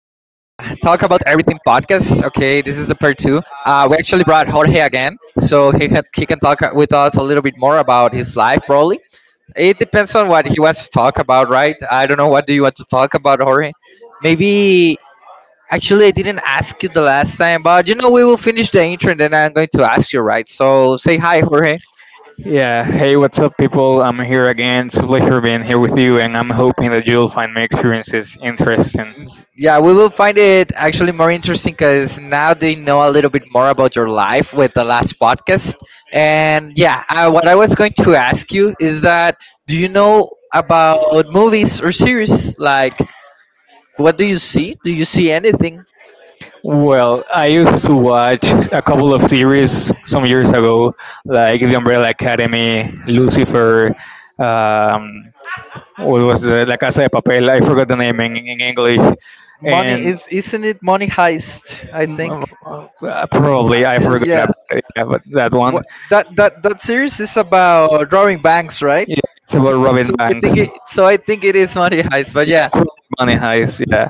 Everything podcast. Okay, this is the part two. We actually brought Jorge again, so he can talk with us a little bit more about his life, probably. It depends on what he wants to talk about, right? I don't know. What do you want to talk about, Jorge? Maybe, actually, I didn't ask you the last time, but you know, we will finish the intro and then I'm going to ask you, right? So say hi, Jorge. Yeah, hey, what's up, people? I'm here again. It's a pleasure being here with you, and I'm hoping that you'll find my experiences interesting. Yeah, we will find it actually more interesting because now they know a little bit more about your life with the last podcast. And yeah, what I was going to ask you is that do you know about movies or series? Like, what do you see? Do you see anything? Well, I used to watch a couple of series some years ago, like The Umbrella Academy, Lucifer, um, what was the La Casa de Papel? I forgot the name in English. Money And is isn't it Money Heist? I think. Probably I forgot Yeah, about it, yeah, but that one. what that series is about drawing banks, right? Yeah, it's about Robin Banks. So I think it is Money Heist, but yeah. Yeah, Money Heist. Yeah,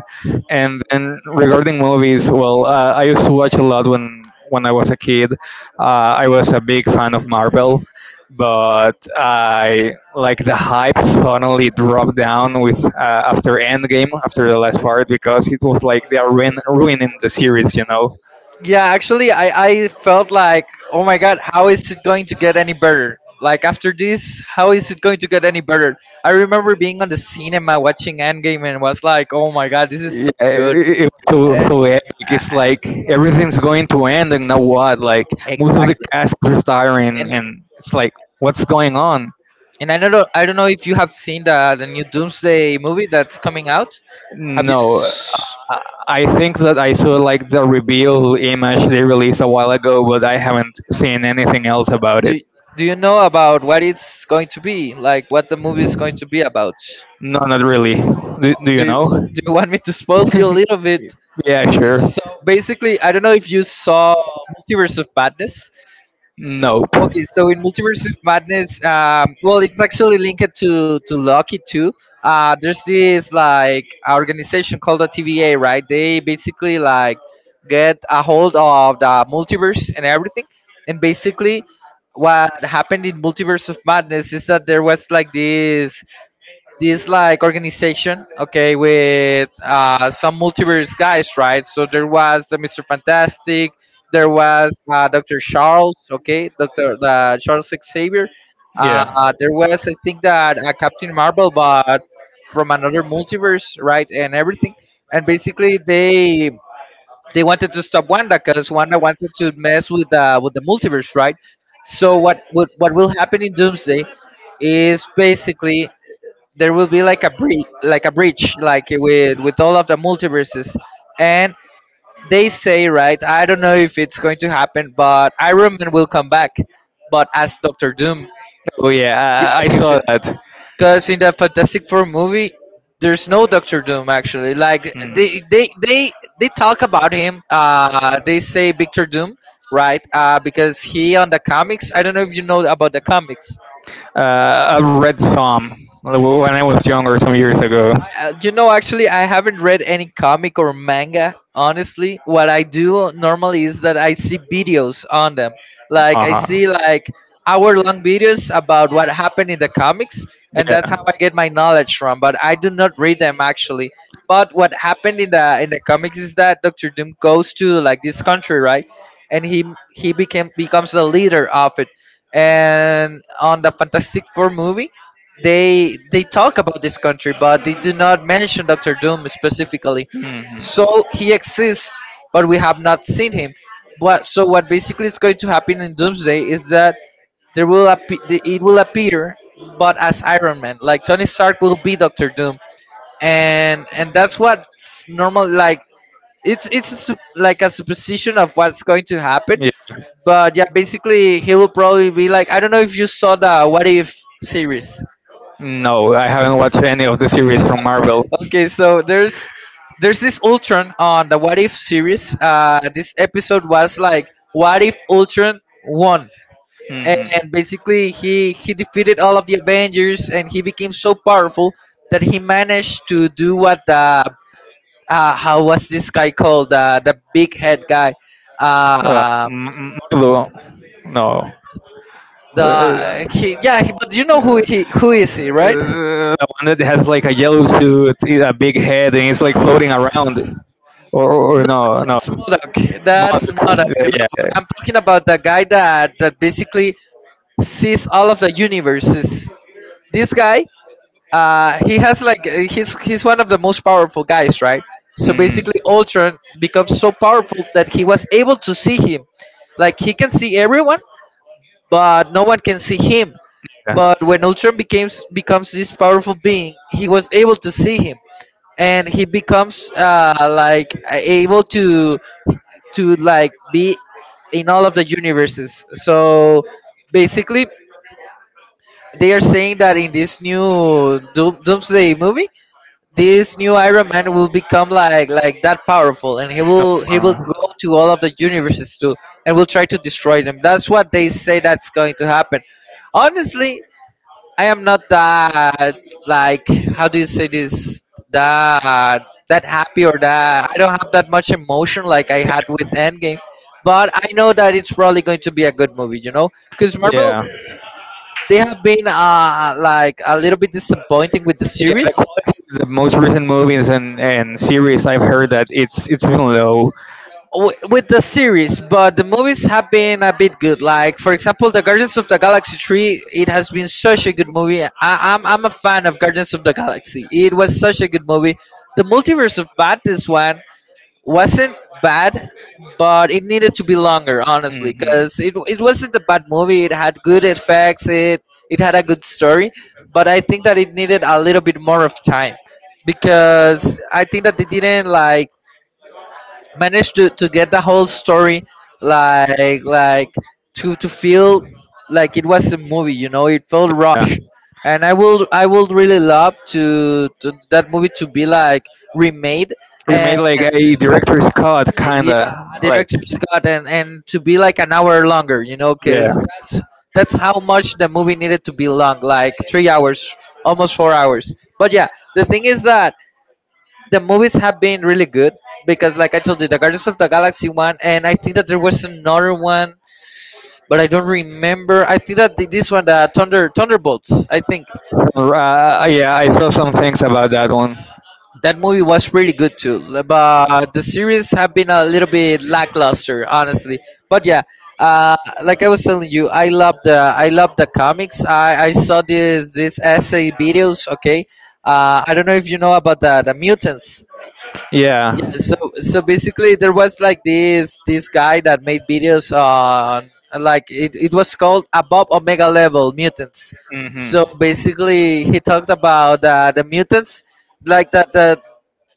and then regarding movies, well, I used to watch a lot when I was a kid. I was a big fan of Marvel, but I like the hype suddenly dropped down with after Endgame, after the last part, because it was like they are ruining the series. Yeah, actually, I felt like, oh my god, how is it going to get any better? Like, after this, how is it going to get any better? I remember being on the cinema watching Endgame and was like, oh my god, this is Yeah, so good. it was so And, so epic. uh, It's like everything's going to end, and now what? Like most of the exactly. cast is retiring, And, and it's like, what's going on? and don't know, I don't know if you have seen the new Doomsday movie that's coming out. Have you. No, s- I, I think that I saw like the reveal image they released a while ago, but I haven't seen anything else about it. Do, do you know about what it's going to be? Like, what the movie is going to be about? No, not really. Do you know? Do you want me to spoil you a little bit? Yeah, sure. So basically, I don't know if you saw Multiverse of Madness. Nope. Okay, so in Multiverse of Madness, well, it's actually linked to Loki too. There's this like organization called the TVA, right? They basically like get a hold of the multiverse and everything, and basically, what happened in Multiverse of Madness is that there was like this like organization, okay, with some multiverse guys, right? So there was the Mister Fantastic, there was Doctor Charles, okay, Doctor Charles Xavier. Yeah. There was, I think, that Captain Marvel, but from another multiverse, right, and everything. And basically, they wanted to stop Wanda because Wanda wanted to mess with the multiverse, right? So what will happen in Doomsday is basically there will be like a breach, like a breach, like with all of the multiverses. And they say, right? I don't know if it's going to happen, but Iron Man will come back, but as Doctor Doom, Oh yeah, I saw because that. in the Fantastic Four movie, there's no Doctor Doom actually. Like they they talk about him. They say Victor Doom, right? Because he on the comics. I don't know if you know about the comics. I've read some when I was younger, some years ago. You know, actually, I haven't read any comic or manga. Honestly, what I do normally is that I see videos on them. like Like I Uh see like hour-long videos about what happened in the comics, That's and Yeah. that's how I get my knowledge from. But I do not read them actually. But what happened in the comics is that Doctor Doom goes to like this country, right? And he became becomes the leader of it. And on the Fantastic Four movie, they talk about this country, but they do not mention Doctor Doom specifically. Mhm. So he exists, but we have not seen him. But so what basically is going to happen in Doomsday is that there will appe- the- it will appear, but as Iron Man, like Tony Stark will be Doctor Doom, and that's what's normal like like a supposition of what's going to happen, Yeah. but yeah, basically he will probably be like, I don't know if you saw the What If series. No, I haven't watched any of the series from Marvel. Okay, so there's this Ultron on the What If series. This episode was like what if Ultron won, and Mhm. basically he defeated all of the Avengers and he became so powerful that he managed to do what the how was this guy called? The big head guy. Uh, No, no. Uh, the uh, he yeah, he, but you know who he who is he, right? The one that has like a yellow suit, a big head, and it's like floating around. Or no, no. Marduk, That's Modok, Modoc. No, Yeah, but yeah. I'm talking about the guy that basically sees all of the universes. This guy, he has like he's one of the most powerful guys, right? So Mm. basically, Ultron becomes so powerful that he was he able to see him. Like he can see everyone, but no one can see Yeah. him. But when Ultron becomes this powerful being, he was able to see him, and he becomes like able to like be in all of the universes. So basically, they are saying that in this new Doomsday movie, this new Iron Man will become like that powerful, and he will go Uh, to all of the universes too, and will try to destroy them. That's what they say that's going to happen. Honestly, I am not that, like, how do you say this, that that happy, or that I don't have that much emotion like I had with Endgame, but I know that it's probably going to be a good movie, you know, because Yeah. Marvel, Yeah, they have been like a little bit disappointing with the the series, quality of the most recent movies and series I've heard that it's been low. With the series, but the movies have been a bit good. Like for example, the Guardians of the Galaxy three, it has been such a good movie. I'm a fan of Guardians of the Galaxy. It was such a good movie. The Multiverse of Madness one wasn't bad, but it needed to be longer, honestly, Hmm. because it wasn't a bad movie. It had good effects. It had a good story, but I think that it needed a little bit more of time because I think that they didn't like managed to get the whole story like to feel like it was a movie, you know, it felt Yeah. rushed. And I and will really love to that movie to be like remade, We made like and a director's cut, yeah, yeah. director scott, and to be like an hour longer, you know, Yeah. because that's how much the movie needed to be long, like 3 hours, almost 4 hours. But yeah, the thing is that the movies have been really good because, like I told you, the Guardians of the Galaxy one, and I think that there was another one, but I don't remember. I think that this one, the Thunderbolts, I think Yeah, I saw some things about that one. that movie was really good too. But the series have been a little bit lackluster, honestly. But yeah, uh, like I was telling you, I love the, I love the comics. I saw this essay videos. Okay, I don't know if you know about the mutants. Yeah. Yeah, so so basically there was like this guy that made videos on, like, it was called Above Omega Level Mutants. Hmm. So basically he talked about the mutants, like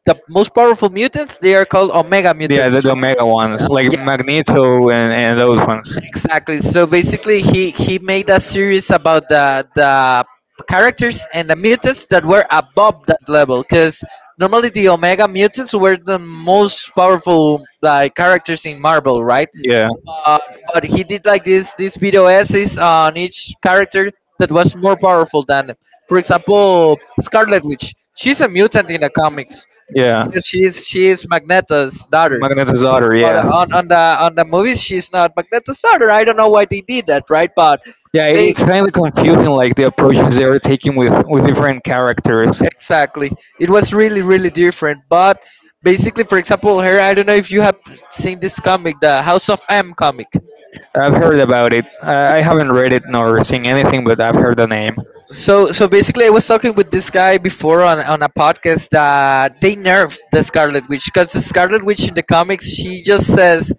the most powerful mutants, they are called omega Yeah, the, mutants, the mega right? ones, like Yeah, Magneto and those ones. exactly. So basically, he made a series about the characters and the mutants that were above that level. Because normally the Omega mutants were the most powerful, like, characters in Marvel, right? Yeah. Uh, but he did like this video essays on each character that was more powerful than them. For example, Scarlet Witch. She's a mutant in the comics Yeah. because she is Magneto's daughter. Magneto's daughter. But Yeah. on on the movies, she's not. But that's a starter. I don't know why they did that, right? But Yeah, they it's kind of confusing, like the approaches they are taking with different characters. Exactly. It was really really different. But basically, for example, here I don't know if you have seen this comic, the House of M comic. I've heard about it. I haven't read it nor seen anything, but I've heard the name. So so basically, I was talking with this guy before on a podcast that they nerfed the Scarlet Witch because the Scarlet Witch in the comics she just says,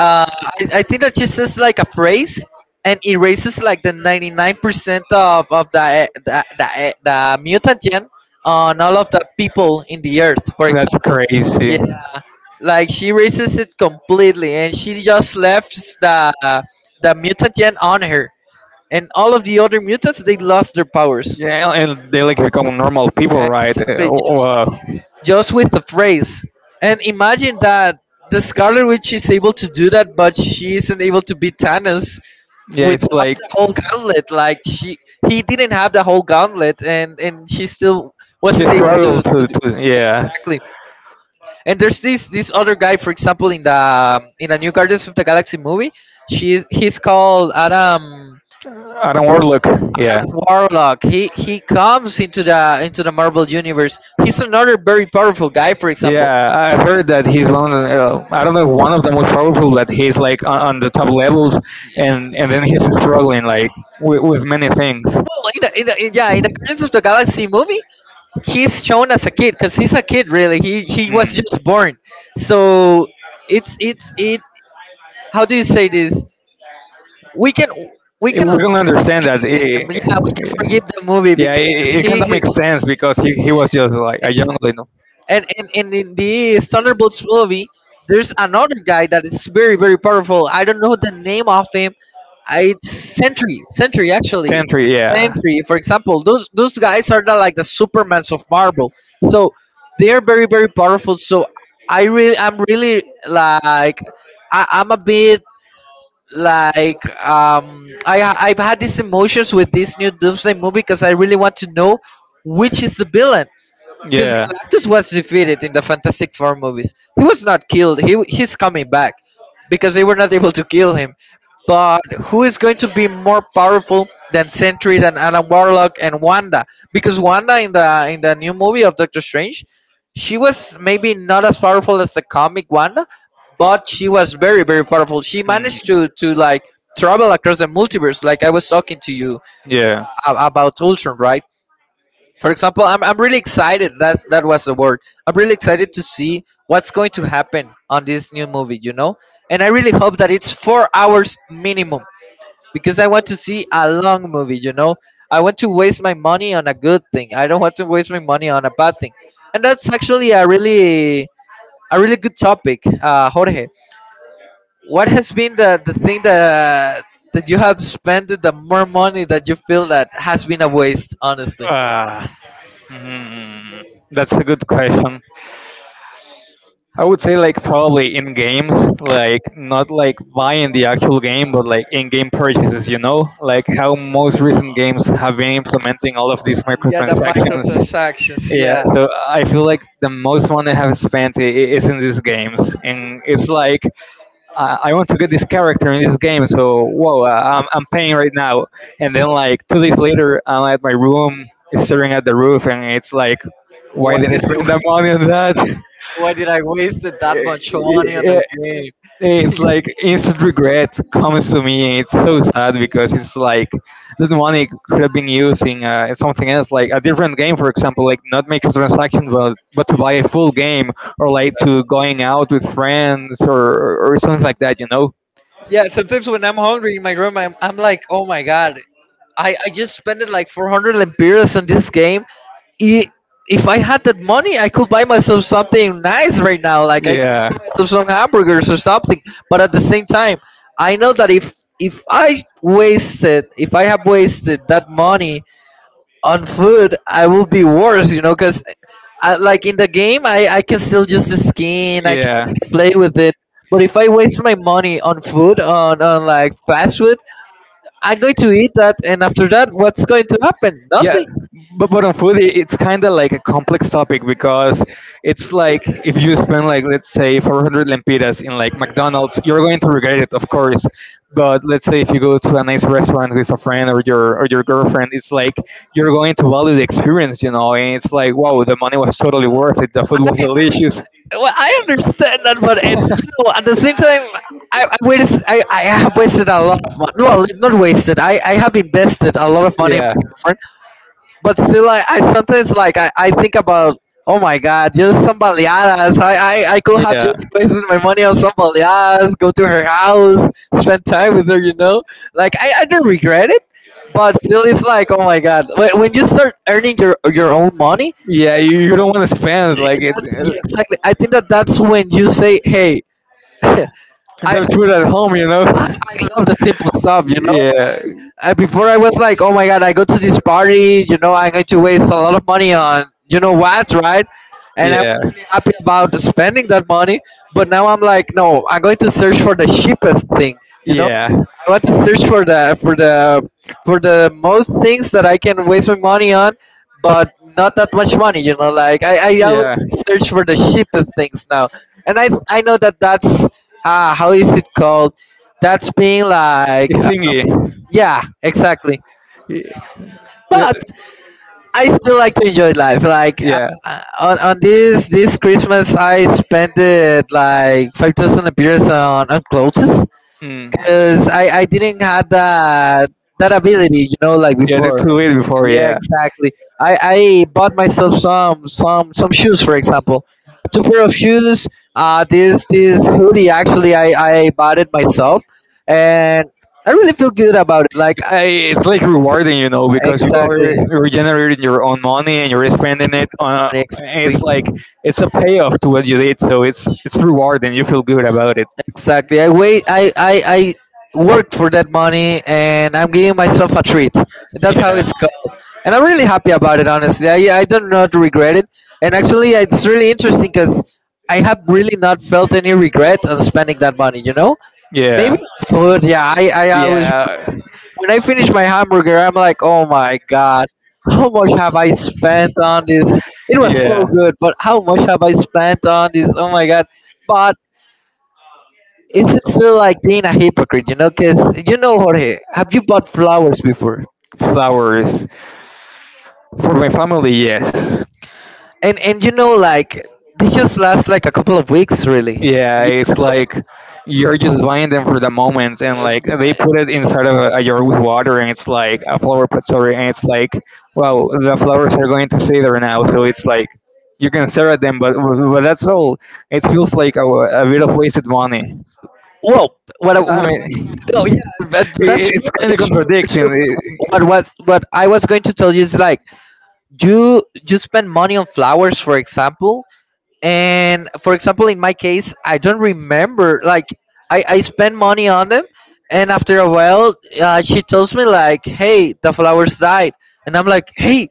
I think that she says like a phrase and erases like the 99% of the mutagen on all of the people in the earth, for That's example. Yeah, crazy. like she erases it completely and she just left the, the mutagen on her. And all of the other mutants, they lost their powers. Yeah, and they like become normal people, right? Uh, Exactly, oh, uh, just with the phrase. And imagine that the Scarlet Witch is able to do that, but she isn't able to beat Thanos. yeah, it's Without like the whole gauntlet. Like he didn't have the whole gauntlet, and she still you wasn't able struggle to to, do. to yeah. Exactly. And there's this other guy, for example, in the new Guardians of the Galaxy movie, she's he's called Adam I don't overlook. Yeah. Warlock. He comes into the Marvel universe. He's another very powerful guy. For example, Yeah, I heard that he's one of, I don't know, one of the most powerful. That he's like on the top levels, and then he's struggling like with many things. oh, in in the Guardians of the Galaxy movie, he's shown as a kid because he's a kid really. He was Mm. just born, so it's it how do you say this? We can We love don't understand that. him. Yeah, we can forgive the movie Yeah, because it he kind of is. makes sense because he was just like a young little And in this Thunderbolts movie, there's another guy that is very very powerful. I don't know the name of him. It's Sentry, Sentry actually, tantry. Yeah. Sentry. For example, those guys are like the Supermans of Marvel. So they're very very powerful. So I'm really like, I'm a bit like, I've had these emotions with this new Doomsday movie because I really want to know which is the villain, because Yeah. Mhm. Galactus was defeated in the Fantastic Four movies. He was not killed. He's coming back because they were not able to kill him. But who is going to be more powerful than Sentry, than Adam Warlock, and Wanda? Because Wanda in the new movie of Doctor Strange, she was maybe not as powerful as the comic Wanda, but she was very very powerful. She managed to like travel across the multiverse, like I was talking to you Yeah. About Ultron, right? For example, I'm really excited. That's that was the word. I'm really excited to see what's going to happen on this new movie. And I really hope that it's 4 hours minimum, because I want to see a long movie. I want to waste my money on a good thing. I don't want to waste my money on a bad thing. And that's actually a really good topic, Jorge. What has been the thing that you have spent the more money that you feel that has been a waste, honestly? Uh, hmm, that's a good question. uh, I would say like probably in games, like not like buying the actual game, but like in-game purchases. You know, like how most recent games have been implementing all of these yeah, the microtransactions. microtransactions. Yeah, Yeah. so I feel like the most money I have spent is in these games, and it's like I want to get this character in this game, so whoa, I'm paying right now, and then like 2 days later, I'm at my room staring at the roof, and it's like, Why why did I did spend I? that money on Why did I waste that much money on the that? It's game? like instant regret comes to me and it's so sad, because it's like that money could have been using something else, like a different game, for example, like not microtransactions but to buy a full game, or like Yeah, to going out with friends or something like that. yeah, sometimes when I'm hungry in my room, I'm like, oh my god, I just spent like 400 lempiras on this game. I- If I had that money, I could buy myself something nice right now. Like I could Yeah. buy myself some hamburgers or something. But at the same time, I know that if I wasted, if I have wasted that money on food, I will be worse, you know, because like in the game I can still use the skin. I Yeah. can play with it. But if I waste my money on food, on like fast food, I'm going to eat that, and after that what's going to happen? yeah Nothing. But on foodie it's kind of like a complex topic, because it's like if you spend, like let's say, 400 lempiras in like McDonald's, you're going to regret it of course. But let's say if you go to a nice restaurant with a friend or your girlfriend, it's like you're going to value the experience. And it's like, wow, the money was totally worth it, the food was delicious. Well, I understand that, but it, you know, at the same time, wasted, I have wasted a lot of money. Well, not wasted. I have invested a lot of money in Yeah, my. But still, I sometimes like, I think about, oh my god, just some baleadas. I could have yeah. just wasted my money on some baleadas, go to her house, spend time with her, you know. Like I don't regret it, but still it's like, oh my god, when you start earning your own money. Yeah, you don't want to spend like it. That's uh, exactly. I think that that's when you say, hey. I, I There's food at home, you know. I Yeah, love the simple stuff, you know. Before I was like, oh my god, I go to this party, you know, I'm going to waste a lot of money on you know what, right? And yeah, I was yeah, happy about spending that money, but now I'm like, no, I'm going to search for the cheapest thing, you know. yeah. I want to search for the for the for the most things that I can waste my money on, but not that much money, you know. Like I always search for the cheapest things now, and I know that that's how is it called? That's being like, It's singy. yeah, exactly. Y- But I still like to enjoy life, like, Yeah, yeah. On this this Christmas I spent it like 5000 appears on clothes, Mm. because I didn't have that ability, you know, like Yeah, to, before. to eat before, Yeah, yeah. exactly. I bought myself some some shoes, for example. Two pair of shoes. This this hoodie actually I bought it myself. And I really feel good about it, like, Yeah, it's like rewarding, you know, because you are exactly. regenerating your own money and you're spending it on. Exactly. It's like it's a payoff to what you did, so it's rewarding. You feel good about it. Exactly. I wait. I worked for that money, and I'm giving myself a treat. That's how Yeah, it's going, and I'm really happy about it. Honestly, I don't not regret it. And actually, it's really interesting because I have really not felt any regret on spending that money, you know. yeah, Maybe food. Yeah, I always, yeah, when I finish my hamburger, I'm like, oh my god, how much have I spent on this? It was so yeah. good, but how much have I spent on this? Oh my god! But it's just feel like being a hypocrite, you know, because, you know, Jorge, have you bought flowers before? Flowers for my family, yes. And you know, like they just last like a couple of weeks, really. Yeah, Yeah. it's like you're just buying them for the moment, and uh, like they put it inside of a jar with water, and it's like a flower pot, sorry, and it's like, well, the flowers are going to stay there now, so it's like you can stare at them, but that's all. It feels like a bit of wasted money. Well, I what, mean, no, yeah, but it, that's it's kind of it's, it's contradicting. What I was going to tell you is like, you spend money on flowers, for example. And for example in my case, I don't remember like, I spend money on them, and after a while, she tells me like, hey, the flowers died. And I'm like, hey,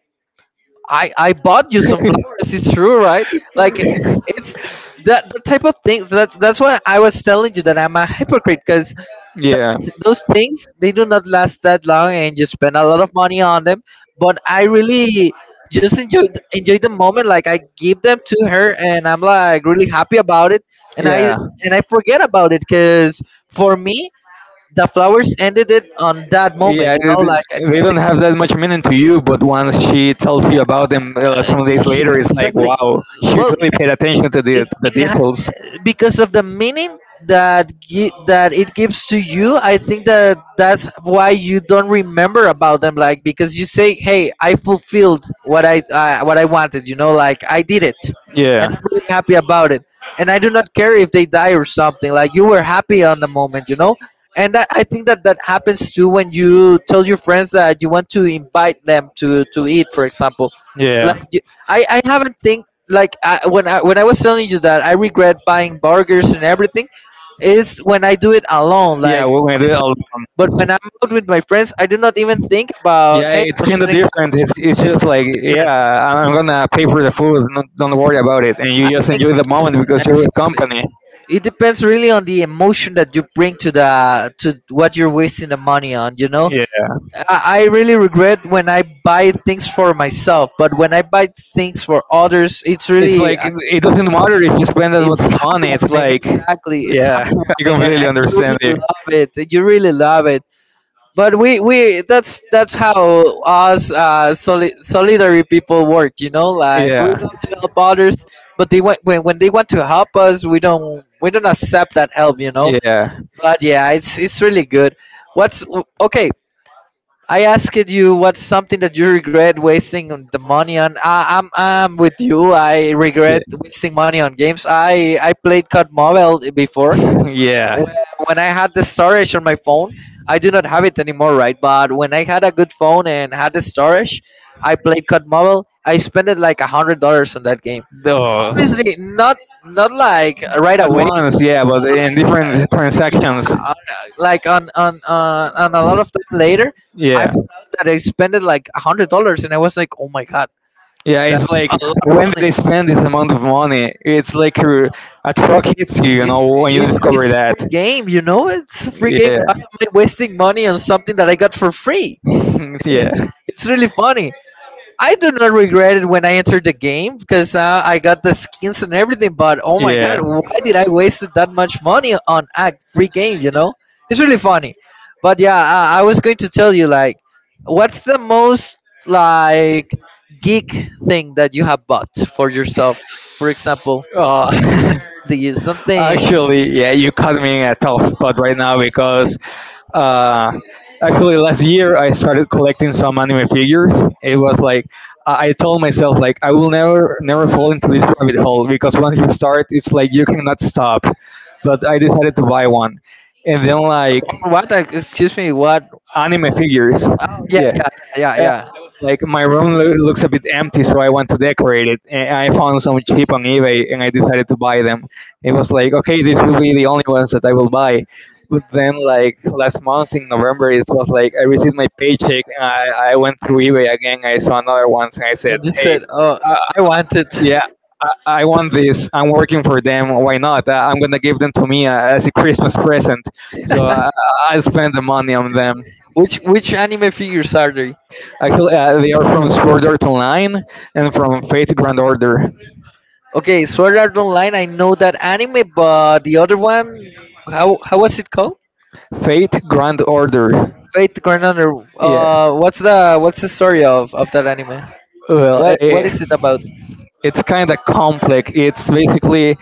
I bought you some flowers, it's true, right? Like, it's that, that type of things. That's why I was telling you that I'm a hypocrite, because that, Yeah, those things they do not last that long and you spend a lot of money on them. But I really just enjoyed the moment. Like I give them to her and I'm like really happy about it. And I yeah. and I forget about it, because for me the flowers ended it on that moment, Yeah, you they know, like, they- they don't this, have that much meaning to you, but once she tells you about them, some days yeah, later, it's like, exactly. wow, she Well, really paid attention to the it, details. because of the meaning that it gives to you, I think that that's why you don't remember about them. Like, because you say, hey, I fulfilled what I what I wanted, you know, like I did it. And Yeah, I'm really happy about it, and I do not care if they die or something. Like, you were happy on the moment, you know. And I think that that happens too when you tell your friends that you want to invite them to eat, for example. Like yeah, you- I haven't think. Like, when I was telling you that I regret buying burgers and everything, is when I do it alone, yeah. like We're gonna do it all. myself. But when I'm out with my friends, I do not even think about, Yeah, hey, it's I'm kind of spending that different. much. It's It's just kind like, of yeah, different. I'm gonna pay for the food. Not, don't worry about it, and I you just think enjoy the moment because you're with exactly. company. It depends really on the emotion that you bring to the to what you're wasting the money on, you know. Yeah, I really regret when I buy things for myself, but when I buy things for others, it's it's really. like it doesn't matter if you spend that much It's money. It's heartwarming, like, exactly. It's yeah, I heartwarming, completely and you understand really you. love it. You really love it. But we, that's how us, solidary people work, you know. Like, we want Yeah, to help others, but they want, when they want to help us, we don't accept that help, you know. yeah, But yeah, it's really good. What's okay? I asked you, what's something that you regret wasting on the money on? I'm with you. I regret wasting money on games. I played COD Mobile before. yeah, yeah. When I had the storage on my phone, I do not have it anymore, right? But when I had a good phone and had the storage, I played COD Mobile. I spent like $100 on that game. Duh. Obviously, not like right At away. once, yeah, but in different transactions. uh, like on a lot of time later, I Yeah, found that I spent it like $100, and I was like, oh my god, yeah, it's that's like a lot of when they money. spend this amount of money, it's like a truck hits you, when you It's discover a that. free game, you know. It's a free game. Why Yeah, am I wasting money on something that I got for free? yeah, It's really funny. I do not regret it when I entered the game because, I got the skins and everything. But oh my god, yeah. why did I waste that much money on a free game? You know, it's really funny. But yeah, I was going to tell you like, what's the most like geek thing that you have bought for yourself? For example, something Uh, that is something. actually, yeah, you caught me in a tough spot right now because Uh, actually, last year I started collecting some anime figures. It was like I told myself like I will never never fall into this rabbit hole, because once you start, it's like you cannot stop. But I decided to buy one, and then like What? Excuse me. What? anime figures, Uh, yeah, yeah. yeah, yeah, yeah. Uh, yeah. like my room looks a bit empty, so I want to decorate it. And I found some cheap on eBay, and I decided to buy them. It was like, okay, this will be the only ones that I will buy. But then, like last month in November, it was like I received my paycheck, and I went through eBay again. I saw another ones, and I said, And just hey, said, oh, uh, I want it. yeah. I want this. I'm working for them. Why not? I'm gonna give them to me as a Christmas present. So I spend the money on them. Which anime figures are they? Actually, they are from Sword Art Online and from Fate Grand Order. Okay, Sword Art Online. I know that anime, but the other one, how was it called? Fate Grand Order. Fate Grand Honor. Yeah. What's the what's the story of that anime? Well, What eh, is it about? it's kind of complex. It's basically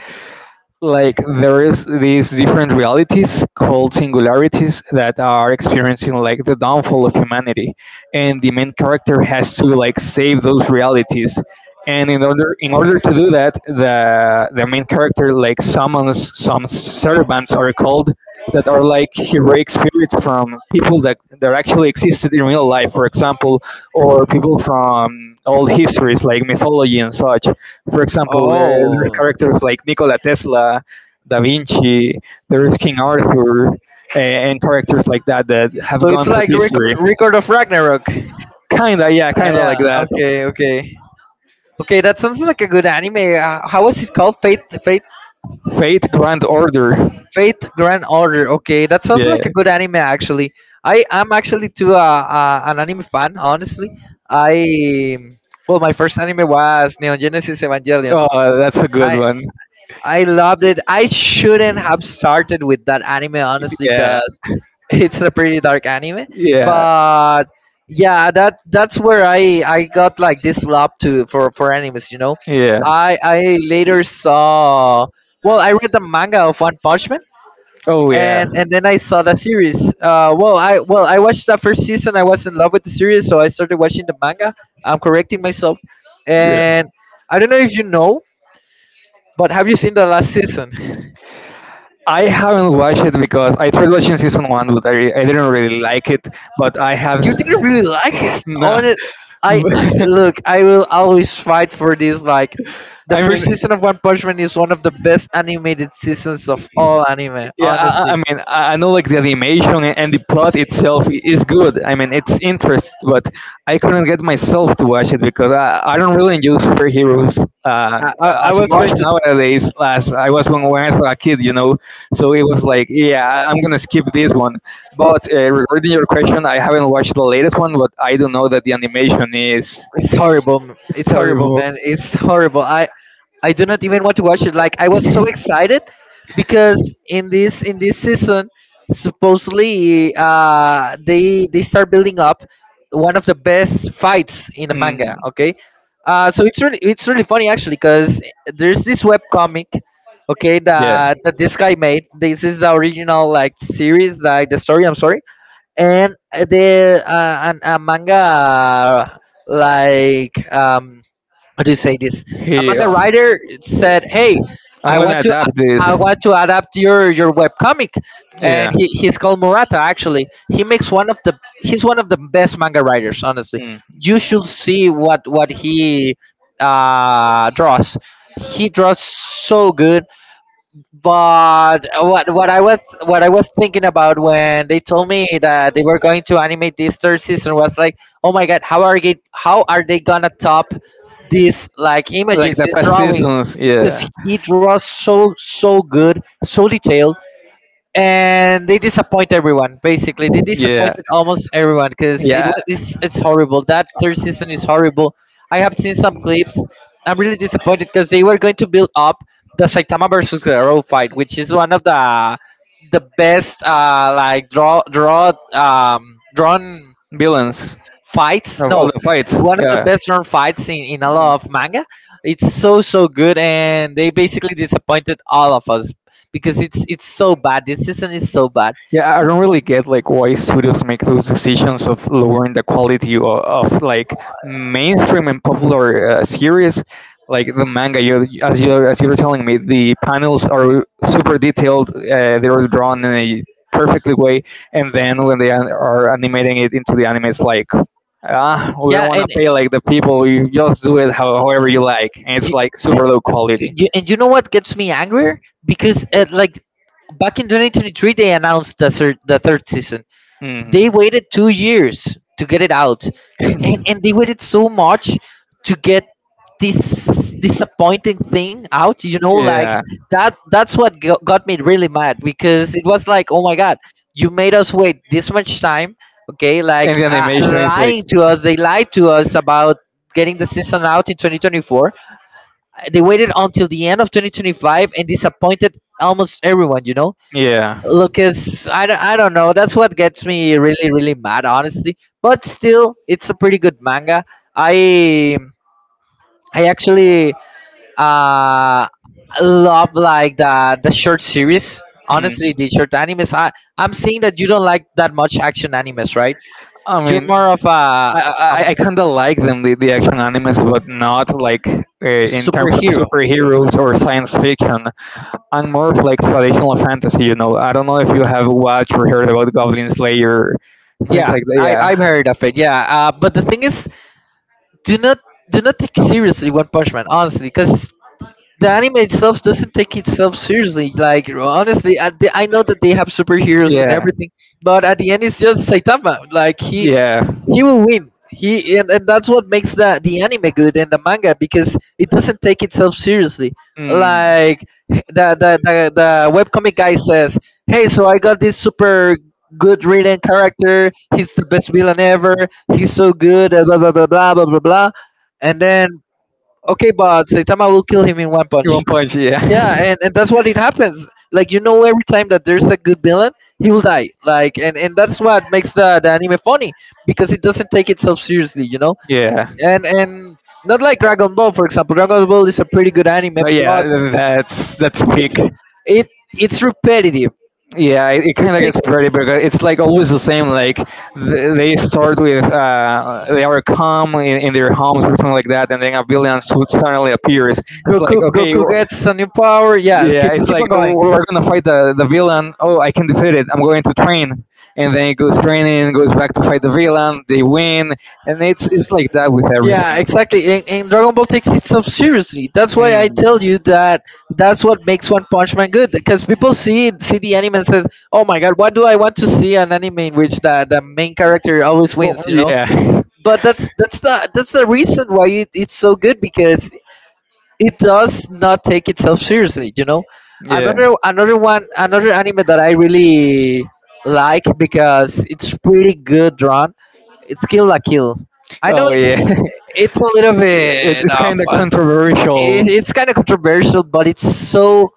like there is these different realities called singularities that are experiencing like the downfall of humanity, and the main character has to like save those realities, and in order to do that, the main character like summons some servants, are called, that are like heroic spirits from people that actually existed in real life, for example, or people from old histories like mythology and such. For example, there are Oh, characters like Nikola Tesla, Da Vinci, there's King Arthur, a- and characters like that that have so it's gone through like record history. record of Ragnarok. Kinda, yeah, Ah, kinda yeah. like that. Okay. Okay. Okay. That sounds like a good anime. How was it called? Fate, Fate, Grand Order. Faith Grand Order. Okay, that sounds Yeah. like a good anime actually. I am actually too an anime fan, honestly. I Well, my first anime was Neon Genesis Evangelion. Oh, that's a good I one. I loved it. I shouldn't have started with that anime honestly, Yeah, cause it's a pretty dark anime. yeah. But yeah, that's where I got like this love to for animes. You know, Yeah. I later saw. Well, I read the manga of One Punch Man Oh yeah. and then I saw the series. I I watched the first season. I was in love with the series, so I started watching the manga. I'm correcting myself, Yeah. and I don't know if you know, but have you seen the last season? I haven't watched it because I tried watching season one, but I didn't really like it. But I have You didn't really like it. no. On it, I look. I will always fight for this. Like the I first mean, season of One Punch Man is one of the best animated seasons of all anime. Yeah, I Honestly, mean, I know like the animation and the plot itself is good. I mean, it's interest, but I couldn't get myself to watch it because I don't really enjoy superheroes, uh, I as was much going to. nowadays as I was when, I was a kid. So it was like, yeah, I'm gonna skip this one. But regarding your question, I haven't watched the latest one, but I do know that the animation is It's horrible. It's It's horrible, terrible. man. It's horrible. I do not even want to watch it. Like I was so excited because in this season, supposedly they start building up one of the best fights in the manga. Mhm. Okay, so it's really funny actually because there's this web comic. Okay, Yeah. That this guy made. This is the original like series, like the story. I'm sorry and the an, a manga like how do you say this a He, manga uh, writer said, hey, I'm i want gonna to adapt I this. want to adapt your webcomic. And Yeah. He's called Murata. Actually, he makes one of the He's one of the best manga writers, honestly. Hmm. You should see what he draws. He draws so good. But what I was, what I was thinking about when they told me that they were going to animate this third season was like, oh my god, how are they gonna top these like Like images, the these past drawings? seasons. Because Yeah. he draws so so good, so detailed, and they disappoint everyone. Basically, they Yeah. disappointed almost everyone because Yeah. It's horrible. That third season is horrible. I have seen some clips. I'm really disappointed because they were going to build up the Saitama versus Guerrero fight, which is one of the best like drawn Villains fights. of all No, the fights. one of the Yeah. best known fights in a lot of manga. It's so so good, and they basically disappointed all of us because it's so bad. This season is so bad. Yeah, I don't really get like why studios make those decisions of lowering the quality of like mainstream and popular, series, like the manga. You, as you as you were telling me, the panels are super detailed. They are drawn in a perfectly way, and then when they are animating it into the anime, it's like we don't Yeah, want to and pay like the people. You just do it however you like, and it's you, like super low quality. You know what gets me angrier because like back in 2023 they announced the third season. They Mhm. waited 2 years to get it out, and they waited so much to get this disappointing thing out, you know, like Yeah. That's what got me really mad because it was like, oh my god, you made us wait this much time. Okay, And like the animation is like, lying to us. They lied to us about getting the season out in 2024. They waited until the end of 2025 and disappointed almost everyone, you know. yeah. Lucas, I don't know. That's what gets me really, really mad, honestly. But still, it's a pretty good manga. I I actually uh, love like the short series. Honestly, Mhm. the short animes. I'm seeing that you don't like that much action animes, right? I You're mean, more of a I I, um, I kind of like them, the action animes, but not like in terms of superhero. superheroes or science fiction. I'm more of like traditional fantasy, I don't know if you have watched or heard about Goblin Slayer, things Yeah, like that. Yeah, I've heard of it. Yeah, but the thing is, do not do not take seriously One Punch Man, honestly, because the anime itself doesn't take itself seriously. Like honestly, at the, I know that they have superheroes and yeah, everything, but at the end, it's just Saitama. Like yeah. he will win. And that's what makes the anime good and the manga because it doesn't take itself seriously. Mm. Like the webcomic guy says, "Hey, so I got this super." Good written character. He's the best villain ever. He's so good. Blah blah blah blah blah blah blah. And then okay, but Saitama will kill him in one punch. One punch, yeah, Yeah, and that's what it happens. Like you know, every time that there's a good villain, he will die. And that's what makes the anime funny because it doesn't take itself seriously, you know. yeah, And not like Dragon Ball, for example. Dragon Ball is a pretty good no, anime, but yeah. That's peak. it's it it's repetitive. Yeah, it It kind of gets takes pretty because it's like always the same. They start with they are calm in their homes or something like that, and then a suddenly appears. It's like okay, Goku w- gets a new power. Yeah, Yeah, it's keep like on oh, going. we're gonna fight the villain. Oh, I can defeat it. I'm going to train, and then it goes training, goes back to fight the villain. They win, and it's like that with Yeah, everything. exactly. And Dragon Ball takes itself seriously. That's why Mm. I tell you that that's what makes One Punch Man good. Because people see the anime and says, "Oh my God, why do I want to see an anime in which the main character always Well, wins?" You know. yeah, But that's the that's the reason why it's so good because it does not take itself seriously, you know. yeah. Another another one another anime that I really like because it's pretty good drawn, it's Kill la Kill. I know Oh yeah. It's a little It, bit it's of kind of controversial. it's kind of controversial, but it's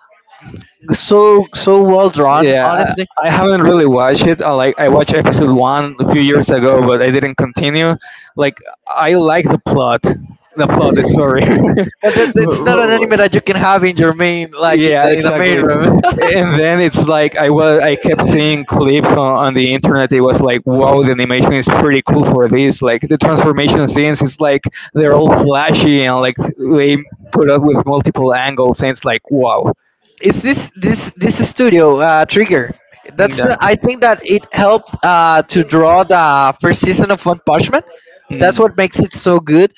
so so well drawn, Yeah, honestly. I haven't really watched it. I like I watched episode one a few years ago, but I didn't continue. Like I like the plot. The plot is sorry. But it's But- not an but- anime that you can have in your main, like in yeah, in the main exactly. room. And then it's like I was I kept seeing clips on the internet. It was like, wow, the animation is pretty cool for this. Like the transformation scenes, it's like they're all flashy and like they put up with multiple angles, and it's like, wow. It's this this studio, Trigger, Mm, yeah. I think that it helped to draw the first season of One Punch Man. That's Mm. what makes it so good.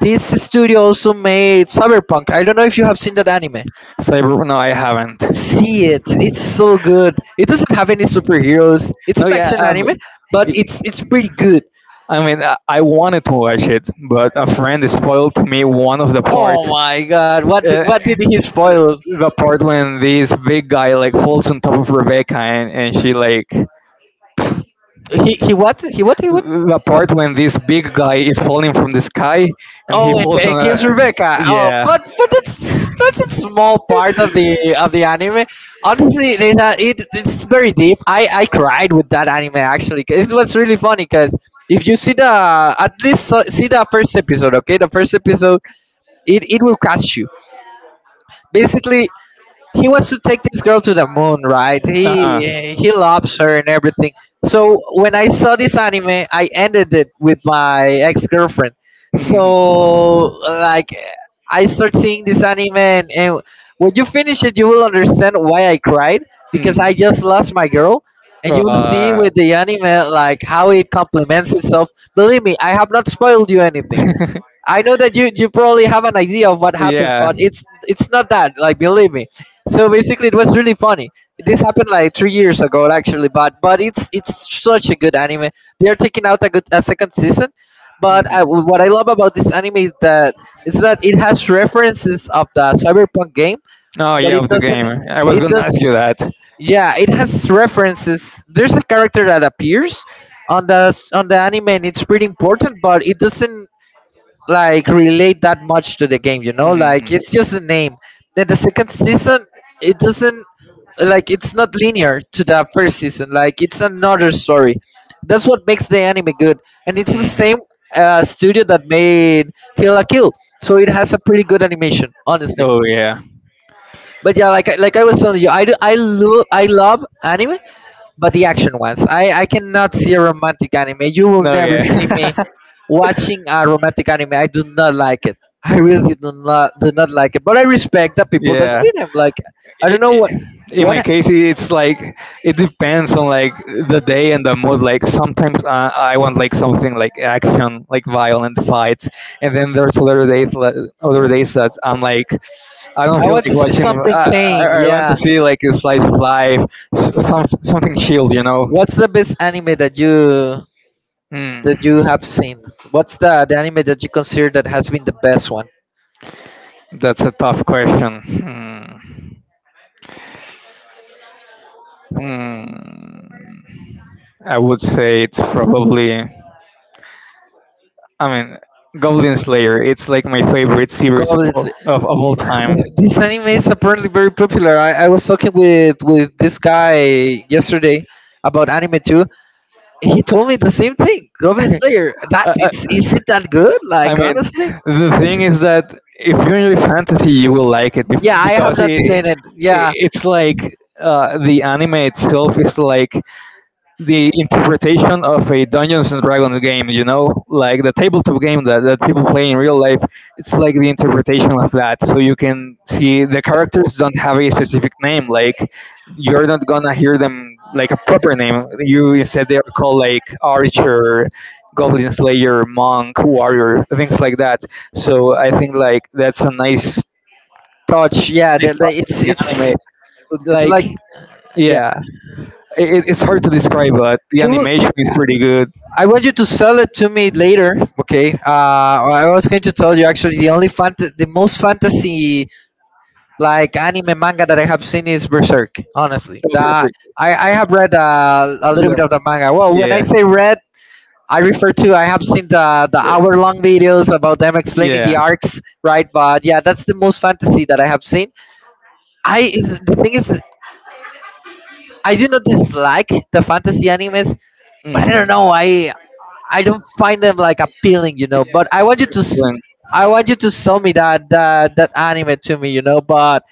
This studio also made Cyberpunk. I don't know if you have seen that anime. Cyber? Well, no, I haven't. See it, it's so good. It doesn't have any superheroes. It's No, an yeah. action I've, anime, but it's pretty good. I wanted to watch it, but a friend spoiled to me one of the parts. Oh my god, Uh, what did he spoil? the part when this big guy like falls on top of Rebecca and she like He what? the part when this big guy is falling from the sky and he Oh, and falls it on a kills Rebecca. Oh, yeah. but that's a small part of the anime. Honestly, Reina, it it's very deep. I cried with that anime actually. 'Cause it was really funny because if you see the at least so, see the first episode, okay, the first episode, it will catch you. Basically, he wants to take this girl to the moon, right? Uh huh. He loves her and everything. So when I saw this anime, I ended it with my ex girlfriend. Hmm. So like I start seeing this anime, and when you finish it, you will understand why I cried because Hmm. I just lost my girl. And you will see Uh, with the anime like how it complements itself. Believe me, I have not spoiled you anything. I know that you probably have an idea of what happens, yeah. but it's not that. Like believe me. So basically, it was really funny. This happened like 3 years ago, actually, but it's such a good anime. They are taking out a good a second season, but Mhm. what I love about this anime is that it has references of the Cyberpunk game, Oh, but yeah, it of the doesn't. game. I was It gonna does. ask you that. Yeah, it has references. There's a character that appears on the anime, and it's pretty important, but it doesn't like relate that much to the game, you know, like Mhm. it's just a name. Then the second season, it doesn't like it's not linear to the first season. Like it's another story. That's what makes the anime good, and it's the Mhm. same studio that made Kill la Kill, so it has a pretty good animation, honestly. Oh yeah. But yeah, like like I was telling you, I love anime, but the action ones. I I cannot see a romantic anime. You will No, never yeah. see me watching a romantic anime. I do not like it. I really do not like it. But I respect the people that yeah. see them. Like I I- don't know i- in what my case it's like it depends on like the day and the mood, like sometimes I want like something like action, like violent fights, and then there's other days that I'm like I don't I feel want like to see watching something i, I tame. I want to Yeah. see like a slice of life, some, something chilled, you know. What's the best anime that you, Hmm. that you have seen? What's the anime that you consider that has been the best one? That's a tough question. Hmm. Mm, I would say it's probably. I mean, Goblin Slayer. It's like my favorite series of Goblin all, Slayer. of all time. This anime is apparently very popular. I was talking with this guy yesterday about anime too. He told me the same thing. Goblin Slayer. That I, I is it that good? I Like mean, honestly, the thing is that if you enjoy fantasy, you will like it yeah, I have because it, not seen it it. Yeah, it's like the anime itself is like the interpretation of a Dungeons and Dragons game, you know, like the tabletop game that people play in real life, it's like the interpretation of that. So you can see the characters don't have a specific name. Like you're not gonna hear them like a proper name. You instead they are called like archer, goblin slayer, monk, warrior, things like that. So I think like that's a nice Torch. Yeah, they nice stuff like, with the anime. It's like Like yeah. yeah, it's hard to describe, but the You, will- you, animation is pretty good. I want you to sell it to me later. Okay. I was going to tell you actually the only the most fantasy like anime manga that I have seen is Berserk. Honestly, Over that quick. I have read a little bit Yeah. of the manga. Well, when I Yeah. say read, I refer to I have seen the hour long videos about them explaining the Yeah. arcs, right? But yeah, that's the most fantasy that I have seen. I is the thing is I do not dislike the fantasy animes, but I don't Mhm. know. I don't find them like appealing, you know. But I want Then- I want you to show me that anime to me, you know. But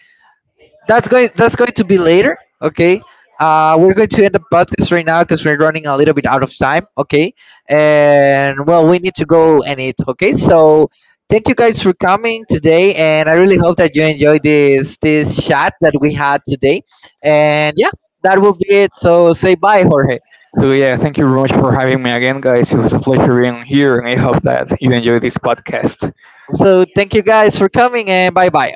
that's going to be later, okay. We're going to end the podcast right now because we're running a little bit out of time, okay, and well, we need to go and eat, okay, so thank you guys for coming today, and I really hope that you enjoyed this chat that we had today, and yeah, that will be it. So say bye, Jorge. So yeah, thank you very much for having me again, guys. It was a pleasure being here, and I hope that you enjoyed this podcast. So thank you guys for coming, and bye bye.